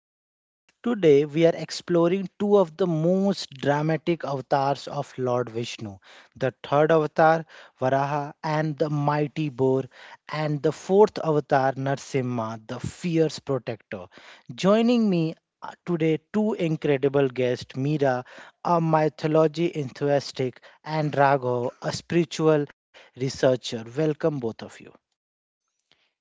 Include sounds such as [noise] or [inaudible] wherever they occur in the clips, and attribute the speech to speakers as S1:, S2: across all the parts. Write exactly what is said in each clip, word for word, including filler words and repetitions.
S1: Dialogues. Today we are exploring two of the most dramatic avatars of Lord Vishnu, the third avatar, Varaha, and the mighty boar, and the fourth avatar, Narsimha, the fierce protector. Joining me uh, today, two incredible guests: Mira, a mythology enthusiast, and Raghav, a spiritual researcher. Welcome, both of you.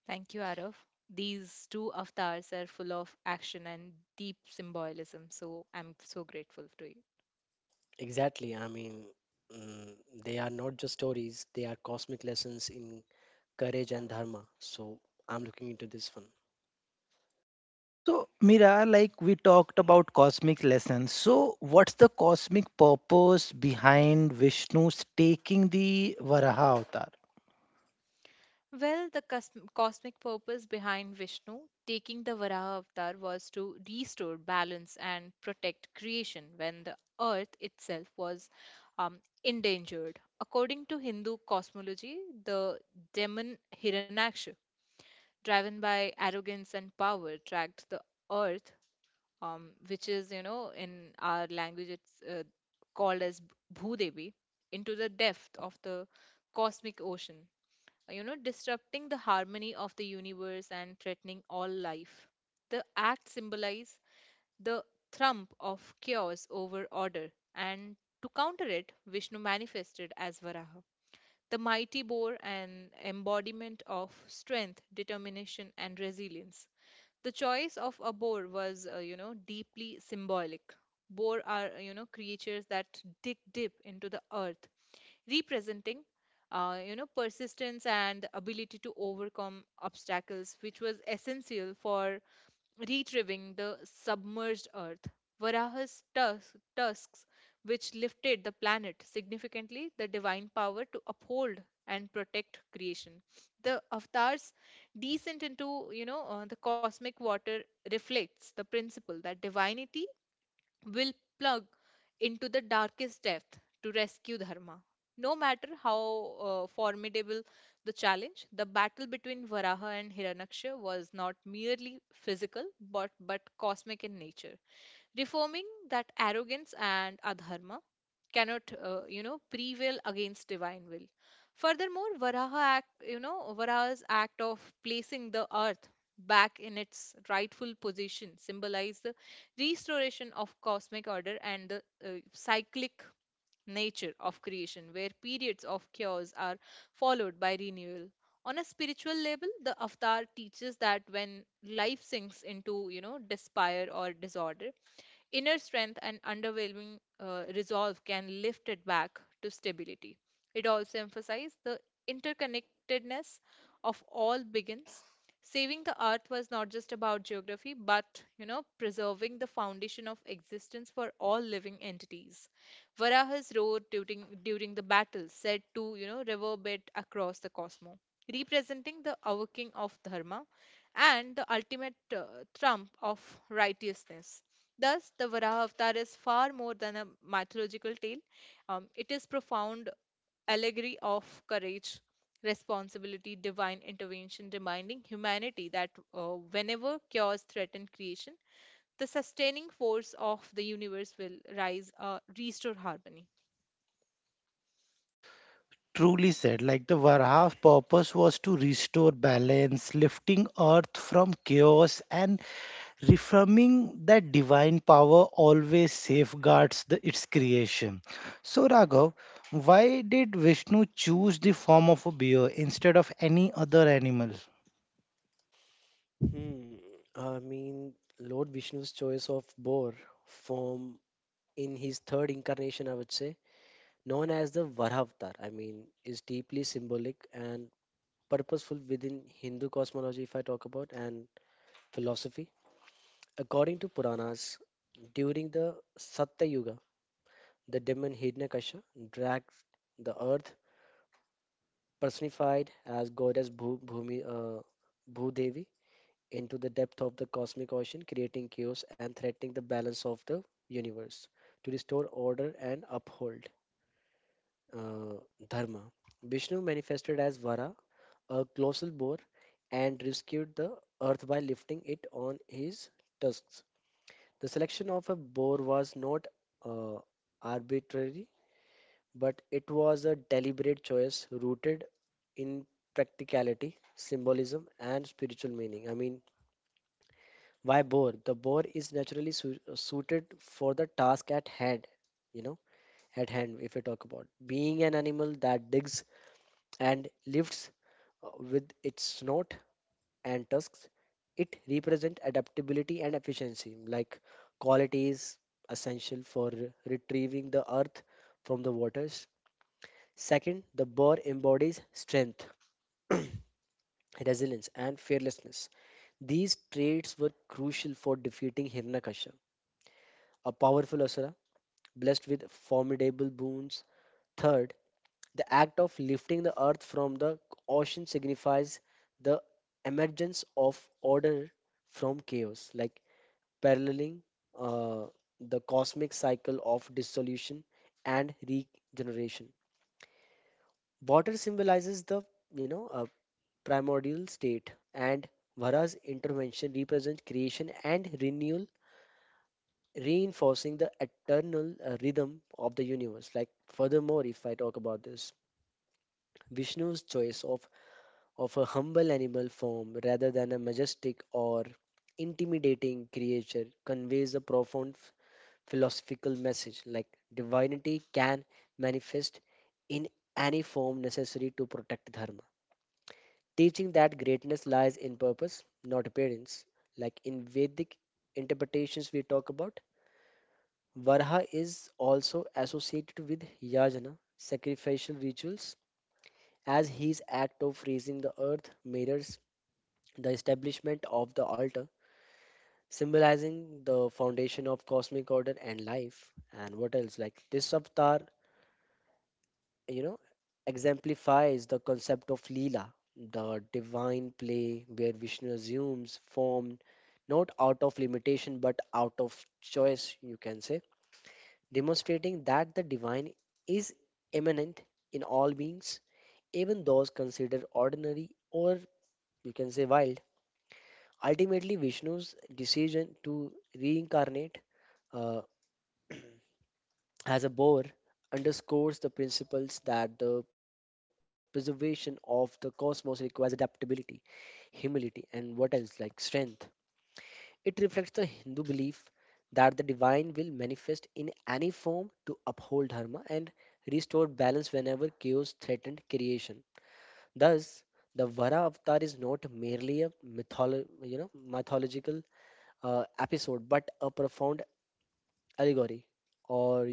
S2: Thank you, Arav. These two avatars are full of action and deep symbolism, so I'm so grateful to you.
S3: Exactly. I mean, mm, they are not just stories, they are cosmic lessons in courage and dharma. So I'm looking into this one.
S1: So, Mira, like we talked about cosmic lessons. So, what's the cosmic purpose behind Vishnu's taking the Varaha avatar?
S2: Well, the cos- cosmic purpose behind Vishnu taking the Varaha avatar was to restore balance and protect creation when the earth itself was um, endangered. According to Hindu cosmology, the demon Hiranyaksha, driven by arrogance and power, dragged the earth, um, which is you know in our language it's uh, called as B- bhudevi into the depth of the cosmic ocean, you know disrupting the harmony of the universe and threatening all life. The act symbolizes the trump of chaos over order, and to counter it, Vishnu manifested as Varaha, the mighty boar, an embodiment of strength, determination, and resilience. The choice of a boar was, uh, you know, deeply symbolic. Boar are, uh, you know, creatures that dig deep into the earth, representing, uh, you know, persistence and the ability to overcome obstacles, which was essential for retrieving the submerged Earth. Varaha's tus- tusks, which lifted the planet significantly, the divine power to uphold and protect creation. The avatar's descent into, you know, uh, the cosmic water reflects the principle that divinity will plug into the darkest depth to rescue Dharma. No matter how uh, formidable the challenge, the battle between Varaha and Hiranyaksha was not merely physical but, but cosmic in nature, reforming that arrogance and adharma cannot uh, you know prevail against divine will. Furthermore, varaha act you know varaha's act of placing the earth back in its rightful position symbolize the restoration of cosmic order and the uh, cyclic nature of creation, where periods of chaos are followed by renewal. On a spiritual level, the avatar teaches that when life sinks into, you know despair or disorder, inner strength and underwhelming uh, resolve can lift it back to stability. It also emphasized the interconnectedness of all beings. Saving the earth was not just about geography, but, you know, preserving the foundation of existence for all living entities. Varaha's road during during the battle said to, you know reverberate across the cosmos, representing the awakening of dharma and the ultimate uh, trump of righteousness. Thus, the Varaha Avatar is far more than a mythological tale. Um, it is profound allegory of courage, responsibility, divine intervention, reminding humanity that uh, whenever chaos threatens creation, the sustaining force of the universe will rise, uh, restore harmony.
S1: Truly said, like the Varaha's purpose was to restore balance, lifting earth from chaos, and reaffirming that divine power always safeguards the, its creation. So, Raghav, why did Vishnu choose the form of a bear instead of any other animal?
S3: Hmm. I mean, Lord Vishnu's choice of boar form in his third incarnation, I would say, known as the Varavatar, I mean, is deeply symbolic and purposeful within Hindu cosmology, if I talk about, and philosophy. According to Puranas, during the Satya Yuga, the demon Hiranyakasha dragged the earth, personified as goddess Bhu, Bhumi, uh, Bhudevi, into the depth of the cosmic ocean, creating chaos and threatening the balance of the universe. To restore order and uphold uh, dharma, Vishnu manifested as Vara, a colossal boar, and rescued the earth by lifting it on his tusks. The selection of a boar was not uh, arbitrary, but it was a deliberate choice rooted in practicality, symbolism, and spiritual meaning. I mean, why boar? The boar is naturally su- suited for the task at hand, you know, at hand, if we talk about, being an animal that digs and lifts uh, with its snout and tusks. It represents adaptability and efficiency, like qualities essential for retrieving the earth from the waters. Second, the boar embodies strength, resilience, and fearlessness. These traits were crucial for defeating Hiranyakashipu, a powerful asura blessed with formidable boons. Third, the act of lifting the earth from the ocean signifies the emergence of order from chaos, like paralleling uh, the cosmic cycle of dissolution and regeneration. Water symbolizes the you know uh, primordial state, and Vara's intervention represents creation and renewal, reinforcing the eternal uh, rhythm of the universe. Like, furthermore, if I talk about this, Vishnu's choice of, of a humble animal form rather than a majestic or intimidating creature conveys a profound f- philosophical message, like divinity can manifest in any form necessary to protect dharma, teaching that greatness lies in purpose, not appearance. Like, in Vedic interpretations, we talk about Varha is also associated with yajna, sacrificial rituals, as his act of raising the earth mirrors the establishment of the altar, symbolizing the foundation of cosmic order and life. And what else? Like, this avatar, you know, exemplifies the concept of Leela, the divine play where Vishnu assumes form not out of limitation but out of choice, you can say, demonstrating that the divine is immanent in all beings, even those considered ordinary or, you can say, wild. Ultimately, Vishnu's decision to reincarnate. Uh, [clears throat] as a Bohr underscores the principles that the preservation of the cosmos requires adaptability, humility, and what else, like strength. It reflects the Hindu belief that the divine will manifest in any form to uphold dharma and restore balance whenever chaos threatened creation. Thus, the Vara avatar is not merely a mytholo- you know mythological uh, episode but a profound allegory or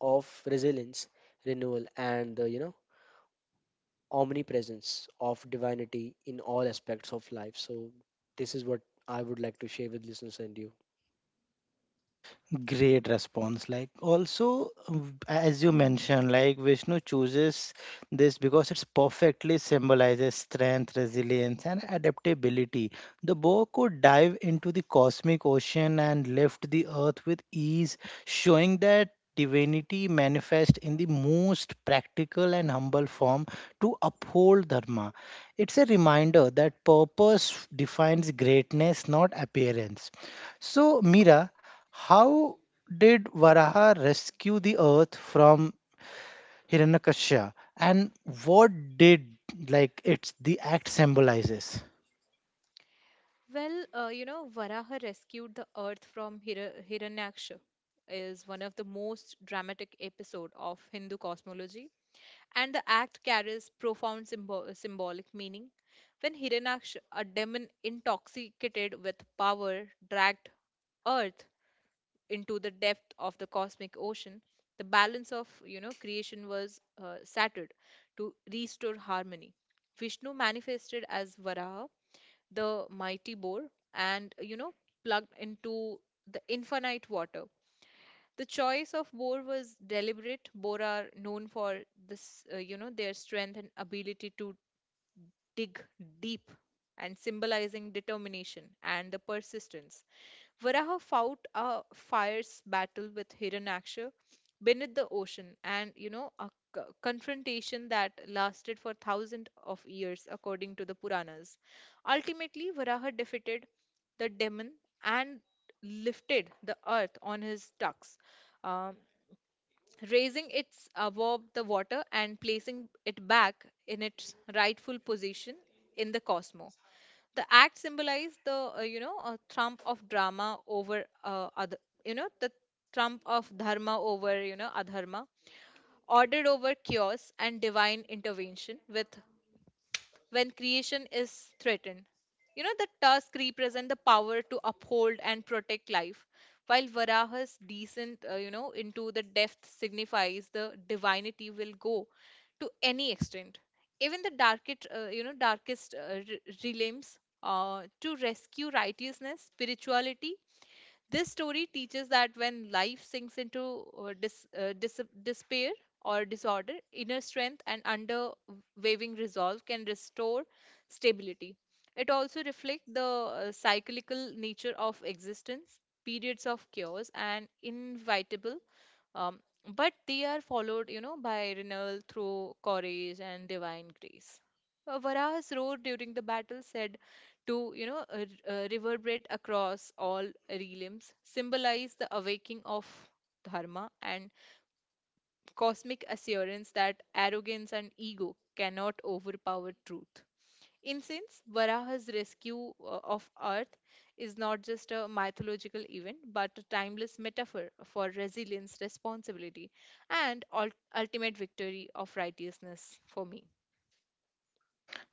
S3: of resilience, renewal, and the you know omnipresence of divinity in all aspects of life. So this is what I would like to share with listeners and you.
S1: Great response. Like also, um, as you mentioned, like Vishnu chooses this because it's perfectly symbolizes strength, resilience, and adaptability. The bow could dive into the cosmic ocean and lift the earth with ease, showing that divinity manifests in the most practical and humble form to uphold dharma. It's a reminder that purpose defines greatness, not appearance. So, Mira, how did Varaha rescue the earth from Hiranyakasha, and what did like it's the act symbolizes?
S2: Well, uh, you know, Varaha rescued the earth from Hira- Hiranyaksha is one of the most dramatic episode of Hindu cosmology, and the act carries profound symbol- symbolic meaning. When Hiranyaksh, a demon intoxicated with power, dragged Earth into the depth of the cosmic ocean, the balance of you know creation was uh, shattered. To restore harmony, Vishnu manifested as Varaha, the mighty boar, and, you know plugged into the infinite water. The choice of Boer was deliberate. Boer are known for this, uh, you know, their strength and ability to dig deep, and symbolizing determination and the persistence. Varaha fought a fierce battle with Hiranyaksha beneath the ocean and, you know, a c- confrontation that lasted for thousands of years according to the Puranas. Ultimately, Varaha defeated the demon and lifted the earth on his tucks. Um, Raising it above the water and placing it back in its rightful position in the cosmos. The act symbolized the uh, you know a trump of drama over uh, other you know the trump of dharma over you know adharma, ordered over chaos, and divine intervention with when creation is threatened. You know, the tusk represent the power to uphold and protect life, while Varaha's descent, uh, you know, into the depth signifies the divinity will go to any extent, even the darkest, uh, you know, darkest uh, re- realms, uh, to rescue righteousness, spirituality. This story teaches that when life sinks into, uh, dis, uh, dis, despair or disorder, inner strength and underwaving resolve can restore stability. It also reflects the uh, cyclical nature of existence, periods of chaos and inevitable, um, but they are followed, you know, by renewal through courage and divine grace. Uh, Varaha's road during the battle said to, you know, uh, r- uh, reverberate across all realms, symbolize the awakening of dharma and cosmic assurance that arrogance and ego cannot overpower truth. In sense, Varaha's rescue uh, of Earth is not just a mythological event, but a timeless metaphor for resilience, responsibility, and ul- ultimate victory of righteousness for me.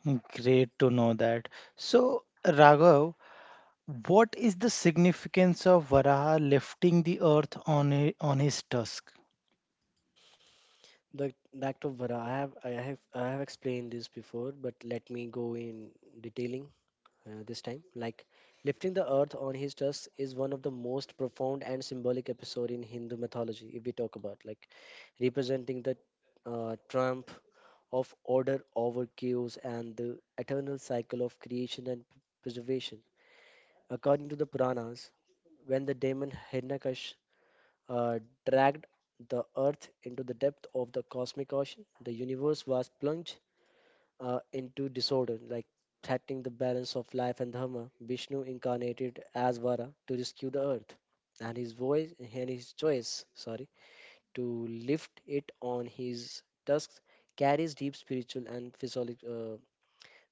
S1: Hmm, great to know that. So, Raghav, what is the significance of Varaha lifting the earth on a, on his tusk?
S3: The doctor Vara, I have I have I have explained this before, but let me go in detailing uh, this time. Like, lifting the earth on his tusks is one of the most profound and symbolic episode in Hindu mythology. If we talk about, like representing the uh, trump of order over chaos and the eternal cycle of creation and preservation. According to the Puranas, when the demon Hiranyakash uh, dragged the earth into the depth of the cosmic ocean, the universe was plunged uh, into disorder, like threatening the balance of life and dharma. Vishnu incarnated as Vara to rescue the earth, and his voice and his choice, sorry, to lift it on his tusks carries deep spiritual and physiologic, uh,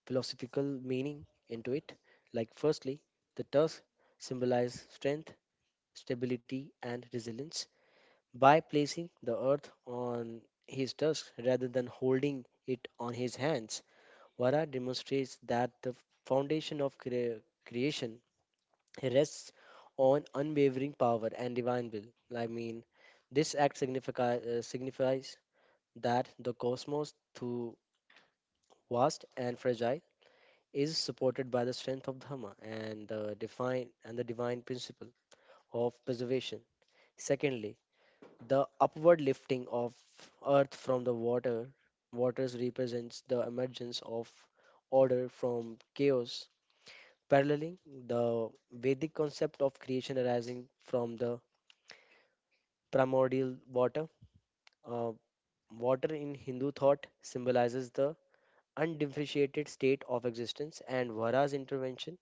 S3: philosophical meaning into it. Like, firstly, the tusks symbolize strength, stability, and resilience. By placing the earth on his tusks rather than holding it on his hands, Vara demonstrates that the foundation of crea- creation rests on unwavering power and divine will. I mean, this act significa- uh, signifies that the cosmos, though vast and fragile, is supported by the strength of Dhamma and the divine and the divine principle of preservation. Secondly, the upward lifting of earth from the water waters represents the emergence of order from chaos, paralleling the Vedic concept of creation arising from the primordial water. Uh, Water in Hindu thought symbolizes the undifferentiated state of existence, and Vara's intervention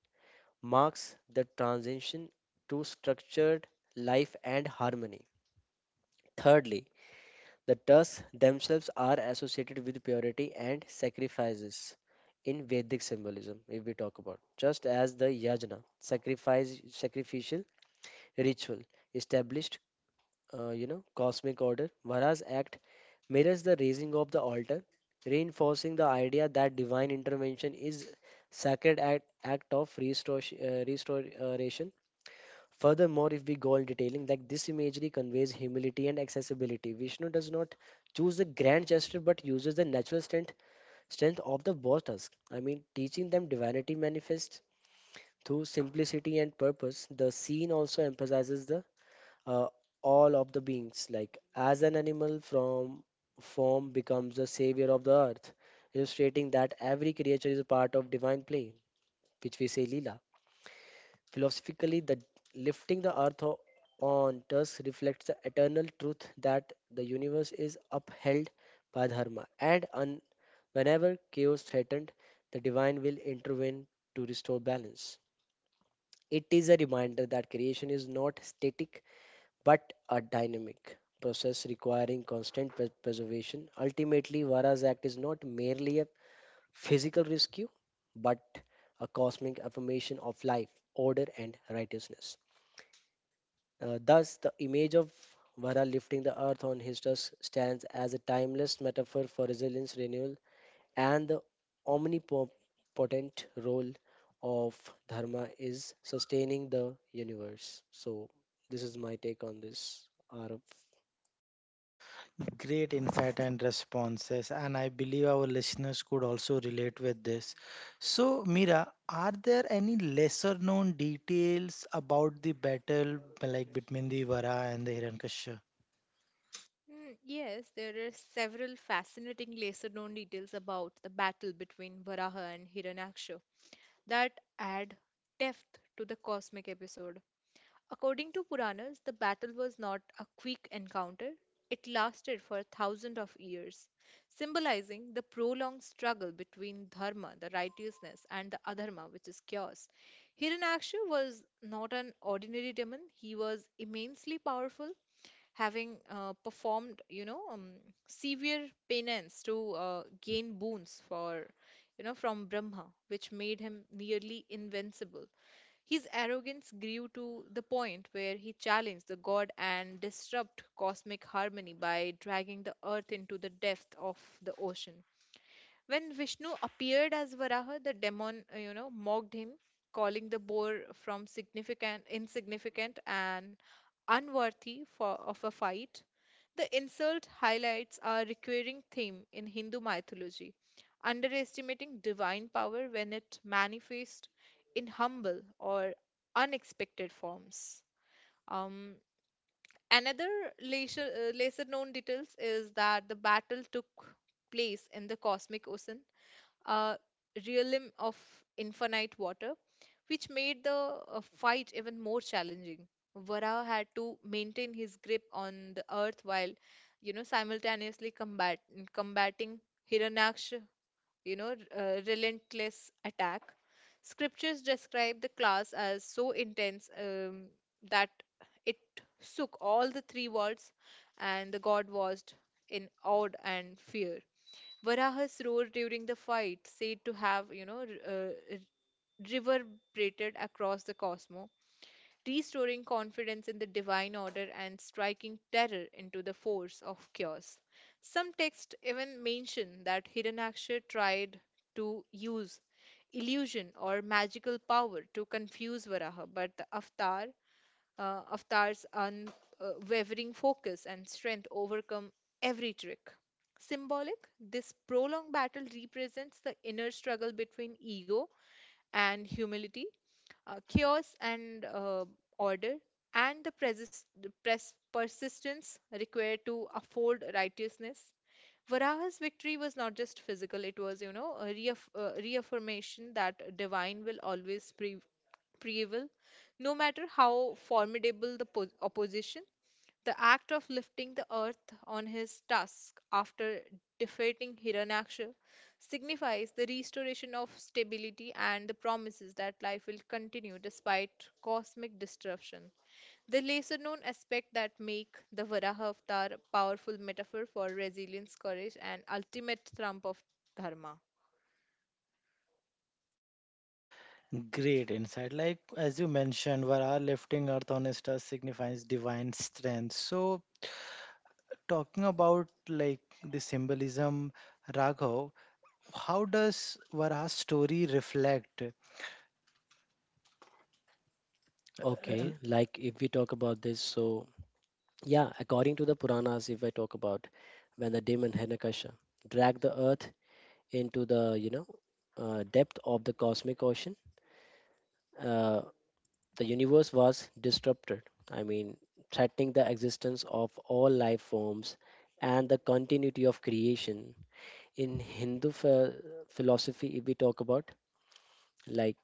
S3: marks the transition to structured life and harmony. Thirdly, the tusks themselves are associated with purity and sacrifices in Vedic symbolism, if we talk about, just as the yajna, sacrifice, sacrificial ritual established, uh, you know cosmic order. Vara's act mirrors the raising of the altar, reinforcing the idea that divine intervention is sacred act, act of restor- uh, restoration. Furthermore, if we go on detailing, like this imagery conveys humility and accessibility. Vishnu does not choose the grand gesture but uses the natural strength strength of the war tusk. I mean, teaching them divinity manifests through simplicity and purpose. The scene also emphasizes the uh, all of the beings. Like, as an animal from form becomes the savior of the earth, illustrating that every creature is a part of divine play, which we say lila. Philosophically, the lifting the earth o- on thus reflects the eternal truth that the universe is upheld by dharma, and un- whenever chaos threatened, the divine will intervene to restore balance. It is a reminder that creation is not static but a dynamic process requiring constant pre- preservation. Ultimately, Vara's Act is not merely a physical rescue, but a cosmic affirmation of life, order, and righteousness. Uh, thus, the image of Vara lifting the earth on his tusk stands as a timeless metaphor for resilience, renewal, and the omnipotent role of Dharma is sustaining the universe. So, this is my take on this, Arav.
S1: Great insight and responses, and I believe our listeners could also relate with this. So, Mira, are there any lesser known details about the battle like between the Vara and the Hiranyakashipu?
S2: Mm, yes, there are several fascinating lesser known details about the battle between Varaha and Hiranyaksha that add depth to the cosmic episode. According to Puranas, the battle was not a quick encounter. It lasted for thousands of years, symbolizing the prolonged struggle between dharma, the righteousness, and the adharma, which is chaos. Hiranyaksha was not an ordinary demon. He was immensely powerful, having uh, performed, you know, um, severe penance to uh, gain boons for, you know, from Brahma, which made him nearly invincible. His arrogance grew to the point where he challenged the god and disrupted cosmic harmony by dragging the earth into the depth of the ocean. When Vishnu appeared as Varaha, the demon, uh, you know, mocked him, calling the boar from significant, insignificant, and unworthy for, of a fight. The insult highlights a recurring theme in Hindu mythology underestimating divine power when it manifests in humble or unexpected forms. Um, another lesser, uh, lesser known details is that the battle took place in the cosmic ocean, a realm of infinite water, which made the uh, fight even more challenging. Vara had to maintain his grip on the earth while, you know, simultaneously combat combating Hiranyaksha, you know, uh, relentless attack. Scriptures describe the clash as so intense um, that it shook all the three worlds, and the god was in awe and fear. Varaha's roar during the fight, said to have, you know, r- uh, reverberated across the cosmos, restoring confidence in the divine order and striking terror into the force of chaos. Some texts even mention that Hiranyaksha tried to use illusion or magical power to confuse Varaha, but the avatar, uh, avatar's unwavering focus and strength overcome every trick. Symbolic, this prolonged battle represents the inner struggle between ego and humility, uh, chaos and uh, order, and the, presis- the pres- persistence required to afford righteousness. Varaha's victory was not just physical, it was, you know, a reaff- uh, reaffirmation that divine will always pre- prevail, no matter how formidable the po- opposition. The act of lifting the earth on his tusk after defeating Hiranyaksha signifies the restoration of stability and the promises that life will continue despite cosmic disruption. The lesser known aspect that make the Varaha avatar a powerful metaphor for resilience, courage, and ultimate trump of dharma.
S1: Great insight. Like as you mentioned, Vara lifting earth on his star signifies divine strength. So, talking about like the symbolism, Raghav, how does Vara's story reflect?
S3: Okay, like if we talk about this, so yeah, according to the Puranas, if I talk about, when the demon Hiranyakasha dragged the earth into the you know uh, depth of the cosmic ocean, uh, the universe was disrupted. I mean, threatening the existence of all life forms and the continuity of creation. In Hindu ph- philosophy, if we talk about, like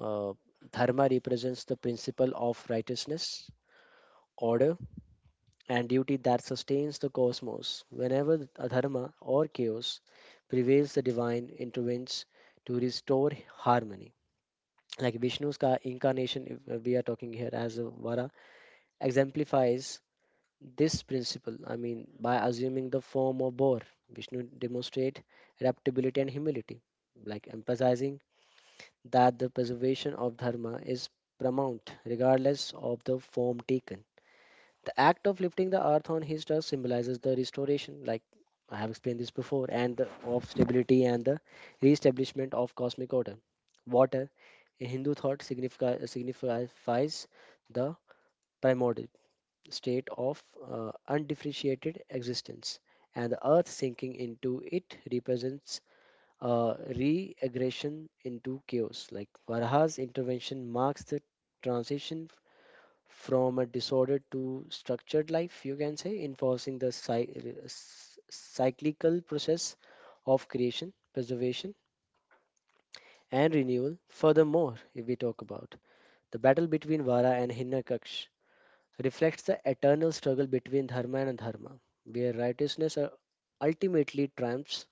S3: uh, dharma represents the principle of righteousness, order, and duty that sustains the cosmos. Whenever adharma or chaos prevails, the divine intervenes to restore harmony. Like, Vishnu's ka- incarnation, if uh, we are talking here as a Vara, exemplifies this principle. I mean, by assuming the form of boar, Vishnu demonstrate adaptability and humility, like emphasizing that the preservation of dharma is paramount regardless of the form taken. The act of lifting the earth on his trust symbolizes the restoration, like I have explained this before, and the, of stability and the re-establishment of cosmic order. Water, in Hindu thought, signifi- signifies the primordial state of uh, undifferentiated existence, and the earth sinking into it represents a re-aggression into chaos. Like, Varaha's intervention marks the transition from a disordered to structured life, you can say, enforcing the cy- s- cyclical process of creation, preservation, and renewal. Furthermore, if we talk about the battle between Vara and Hinakaksh reflects the eternal struggle between dharma and adharma, where righteousness uh, ultimately triumphs.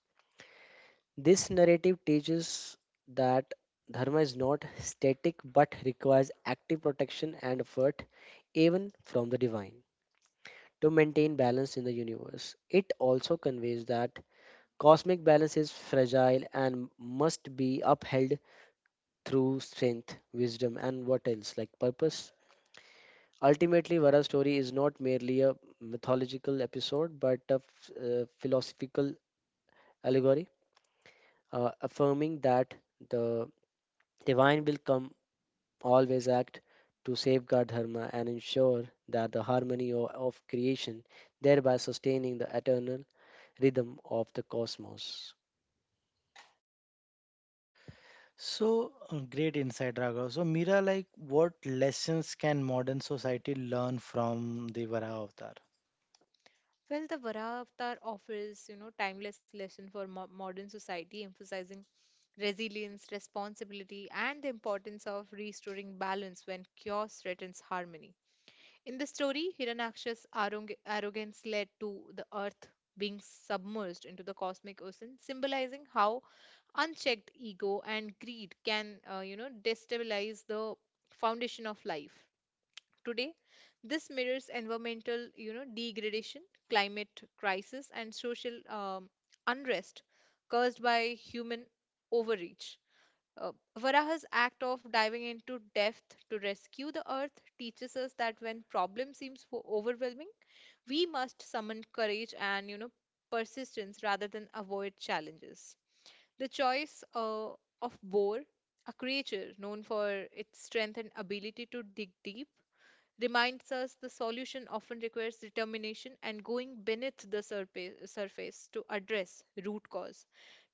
S3: This narrative teaches that dharma is not static but requires active protection and effort even from the divine to maintain balance in the universe. It also conveys that cosmic balance is fragile and must be upheld through strength, wisdom, and what else, like purpose. Ultimately, Vara's story is not merely a mythological episode but a f- uh, philosophical allegory, uh, affirming that the divine will come always act to safeguard dharma and ensure that the harmony o- of creation, thereby sustaining the eternal rhythm of the cosmos.
S1: So uh, great insight, Raghav. So, Mira, like, what lessons can modern society learn from the Varaha Avatar?
S2: Well, the Varavatar offers, you know, timeless lesson for mo- modern society, emphasizing resilience, responsibility, and the importance of restoring balance when chaos threatens harmony. In the story, Hiranaksha's arrog- arrogance led to the earth being submerged into the cosmic ocean, symbolizing how unchecked ego and greed can, uh, you know, destabilize the foundation of life. Today, this mirrors environmental, you know, degradation, climate crisis, and social um, unrest caused by human overreach. Uh, Varaha's act of diving into depth to rescue the earth teaches us that when problem seems o- overwhelming, we must summon courage and you know persistence rather than avoid challenges. The choice uh, of Bohr, a creature known for its strength and ability to dig deep, reminds us the solution often requires determination and going beneath the surpa- surface to address root cause,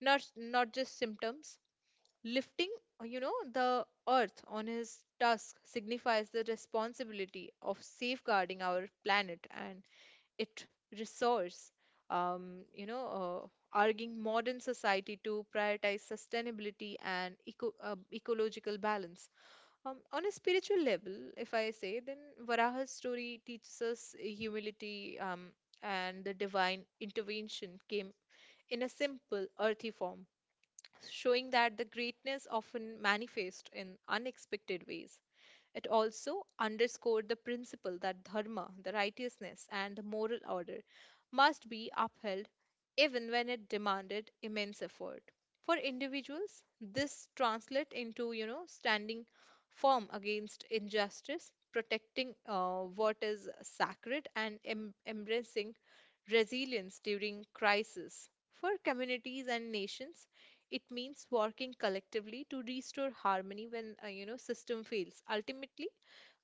S2: not not just symptoms. Lifting, uh, you know the earth on his tusk signifies the responsibility of safeguarding our planet and it resource, um, you know uh, arguing modern society to prioritize sustainability and eco- uh, ecological balance. Um, on a spiritual level, if I say, then Varaha's story teaches us humility, um, and the divine intervention came in a simple, earthy form, showing that the greatness often manifests in unexpected ways. It also underscored the principle that dharma, the righteousness, and the moral order must be upheld even when it demanded immense effort. For individuals, this translates into, you know, standing firm against injustice, protecting uh, what is sacred, and em- embracing resilience during crisis. For communities and nations, it means working collectively to restore harmony when, uh, you know system fails. Ultimately,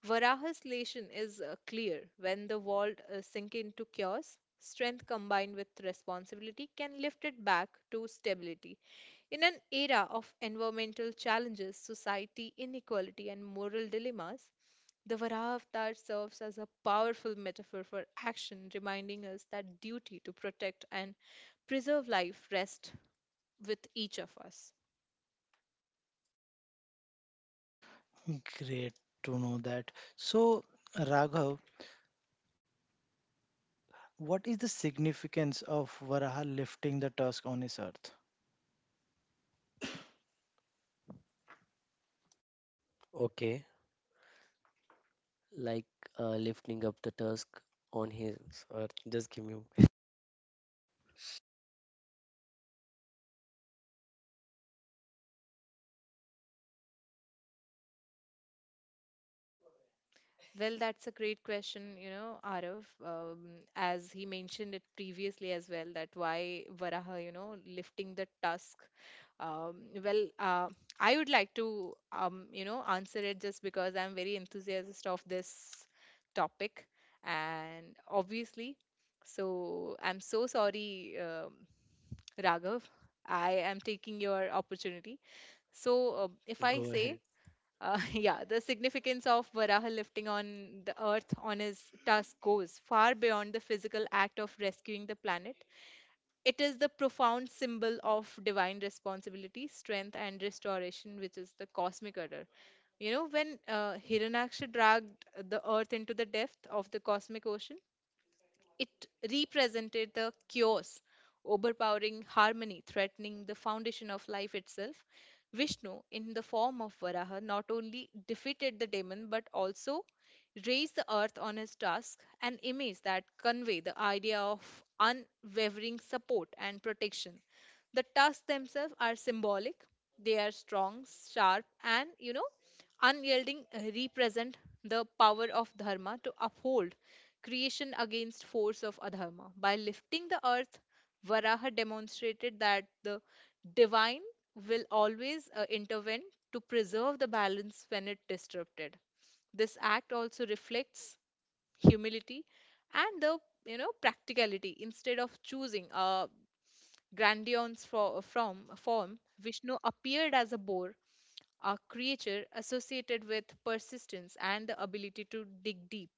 S2: Varaha's lesson is uh, clear: when the world uh, sink into chaos, strength combined with responsibility can lift it back to stability. In an era of environmental challenges, society inequality, and moral dilemmas, the Varaha avatar serves as a powerful metaphor for action, reminding us that duty to protect and preserve life rests with each of us.
S1: Great to know that. So, Raghav, what is the significance of Varaha lifting the tusk on his earth?
S3: Okay, like uh, lifting up the tusk on his earth. Just give me.
S2: Well, that's a great question, you know, Arav. Um, as he mentioned it previously as well, that why Varaha, you know, lifting the tusk. Um, well, uh, I would like to, um, you know, answer it just because I'm very enthusiastic of this topic, and obviously, so I'm so sorry, um, Raghav. I am taking your opportunity. So, um, if I
S3: Go
S2: say
S3: ahead.
S2: uh, [laughs] yeah, the significance of Varaha lifting on the earth on his tusk goes far beyond the physical act of rescuing the planet. It is the profound symbol of divine responsibility, strength, and restoration, which is the cosmic order. You know, when uh, Hiranyaksha dragged the earth into the depth of the cosmic ocean, it represented the chaos, overpowering harmony, threatening the foundation of life itself. Vishnu, in the form of Varaha, not only defeated the demon but also raised the earth on his task, an image that convey the idea of unwavering support and protection. The tusks themselves are symbolic. They are strong, sharp, and, you know, unyielding, uh, represent the power of dharma to uphold creation against force of adharma. By lifting the earth, Varaha demonstrated that the divine will always uh, intervene to preserve the balance when it disrupted. This act also reflects humility and the you know practicality. Instead of choosing a grandiose for, from form, Vishnu appeared as a boar, a creature associated with persistence and the ability to dig deep,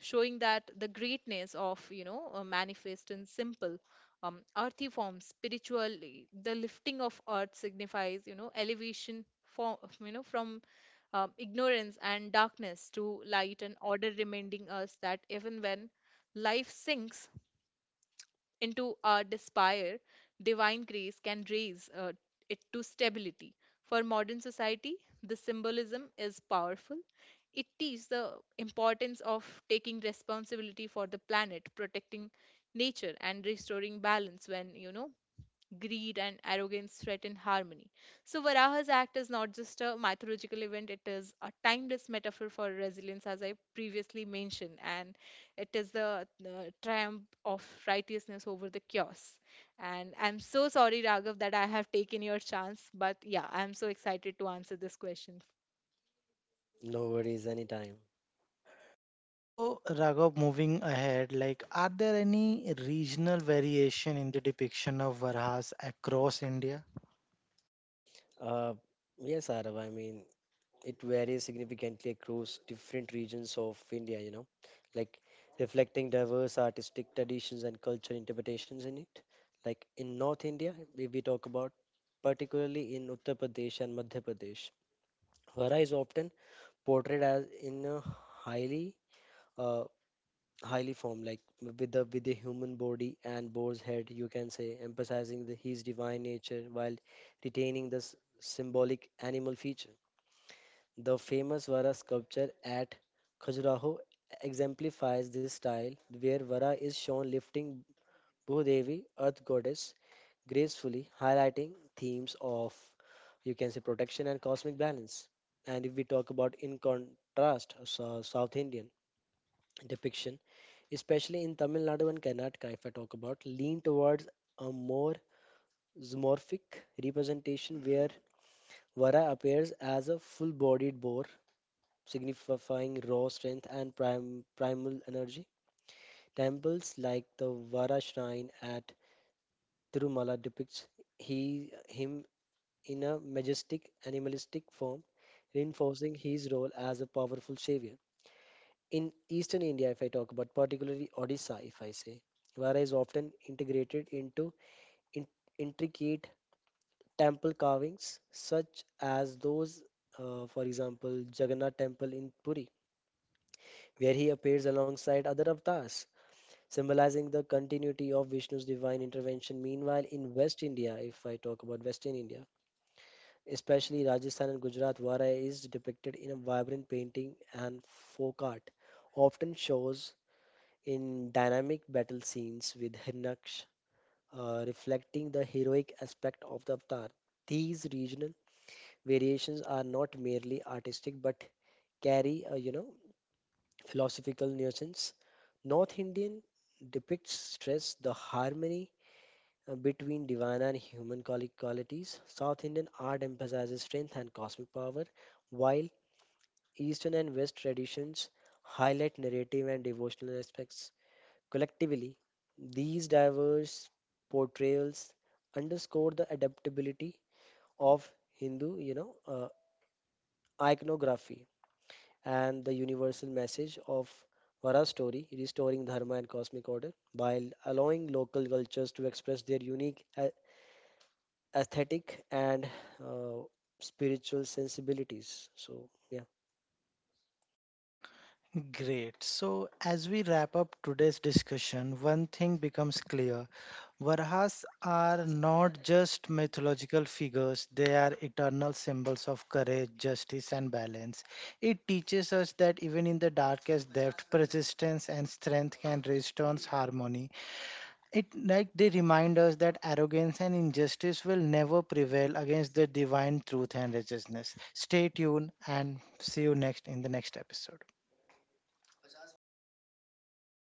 S2: showing that the greatness of, you know uh, manifest in simple, um, earthy forms. Spiritually, the lifting of earth signifies, you know elevation for, you know from, um, ignorance and darkness to light and order, reminding us that even when life sinks into our despair, divine grace can raise uh, it to stability. For modern society, the symbolism is powerful. It teaches the importance of taking responsibility for the planet, protecting nature, and restoring balance when, you know, greed and arrogance threaten harmony. So, Varaha's act is not just a mythological event, it is a timeless metaphor for resilience, as I previously mentioned, and it is the, the triumph of righteousness over the chaos. And I'm so sorry, Raghav, that I have taken your chance, but yeah, I'm so excited to answer this question.
S3: No worries, anytime.
S1: So, Raghav, moving ahead, like, are there any regional variation in the depiction of Varahas across India?
S3: Uh, yes, Arav, I mean, it varies significantly across different regions of India, you know, like reflecting diverse artistic traditions and cultural interpretations in it. Like in North India, we, we talk about, particularly in Uttar Pradesh and Madhya Pradesh, Hara is often portrayed as in a highly uh, highly formed, like with the with the human body and boar's head, you can say, emphasizing the, his divine nature while retaining the s- symbolic animal feature. The famous Vara sculpture at Khajuraho exemplifies this style, where Vara is shown lifting Bhudevi, Earth Goddess, gracefully, highlighting themes of, you can say, protection and cosmic balance. And if we talk about in contrast, so- South Indian depiction, especially in Tamil Nadu and Karnataka, if I talk about, lean towards a more zoomorphic representation where Vara appears as a full bodied boar, signifying raw strength and prim- primal energy. Temples like the Vara shrine at Tirumala depicts he, him in a majestic animalistic form, reinforcing his role as a powerful savior. In eastern India, if I talk about, particularly Odisha, if I say, Vara is often integrated into in- intricate temple carvings, such as those, uh, for example, Jagannath Temple in Puri, where he appears alongside other avatars, symbolizing the continuity of Vishnu's divine intervention. Meanwhile, in West India, if I talk about Western India, especially Rajasthan and Gujarat, Varai is depicted in a vibrant painting and folk art, often shows in dynamic battle scenes with Hirnaksh, uh, reflecting the heroic aspect of the avatar. These regional variations are not merely artistic but carry a you know philosophical nuisance. North Indian depicts stress, the harmony uh, between divine and human quali- qualities. South Indian art emphasizes strength and cosmic power, while Eastern and West traditions highlight narrative and devotional aspects. Collectively, these diverse portrayals underscore the adaptability of Hindu, you know, uh, iconography and the universal message of Vara's story, restoring dharma and cosmic order, while allowing local cultures to express their unique a- aesthetic and uh, spiritual sensibilities. So, yeah.
S1: Great. So, as we wrap up today's discussion, one thing becomes clear. Varhas are not just mythological figures, they are eternal symbols of courage, justice, and balance. It teaches us that even in the darkest depth, persistence and strength can restore harmony. It like they remind us that arrogance and injustice will never prevail against the divine truth and righteousness. Stay tuned and see you next in the next episode.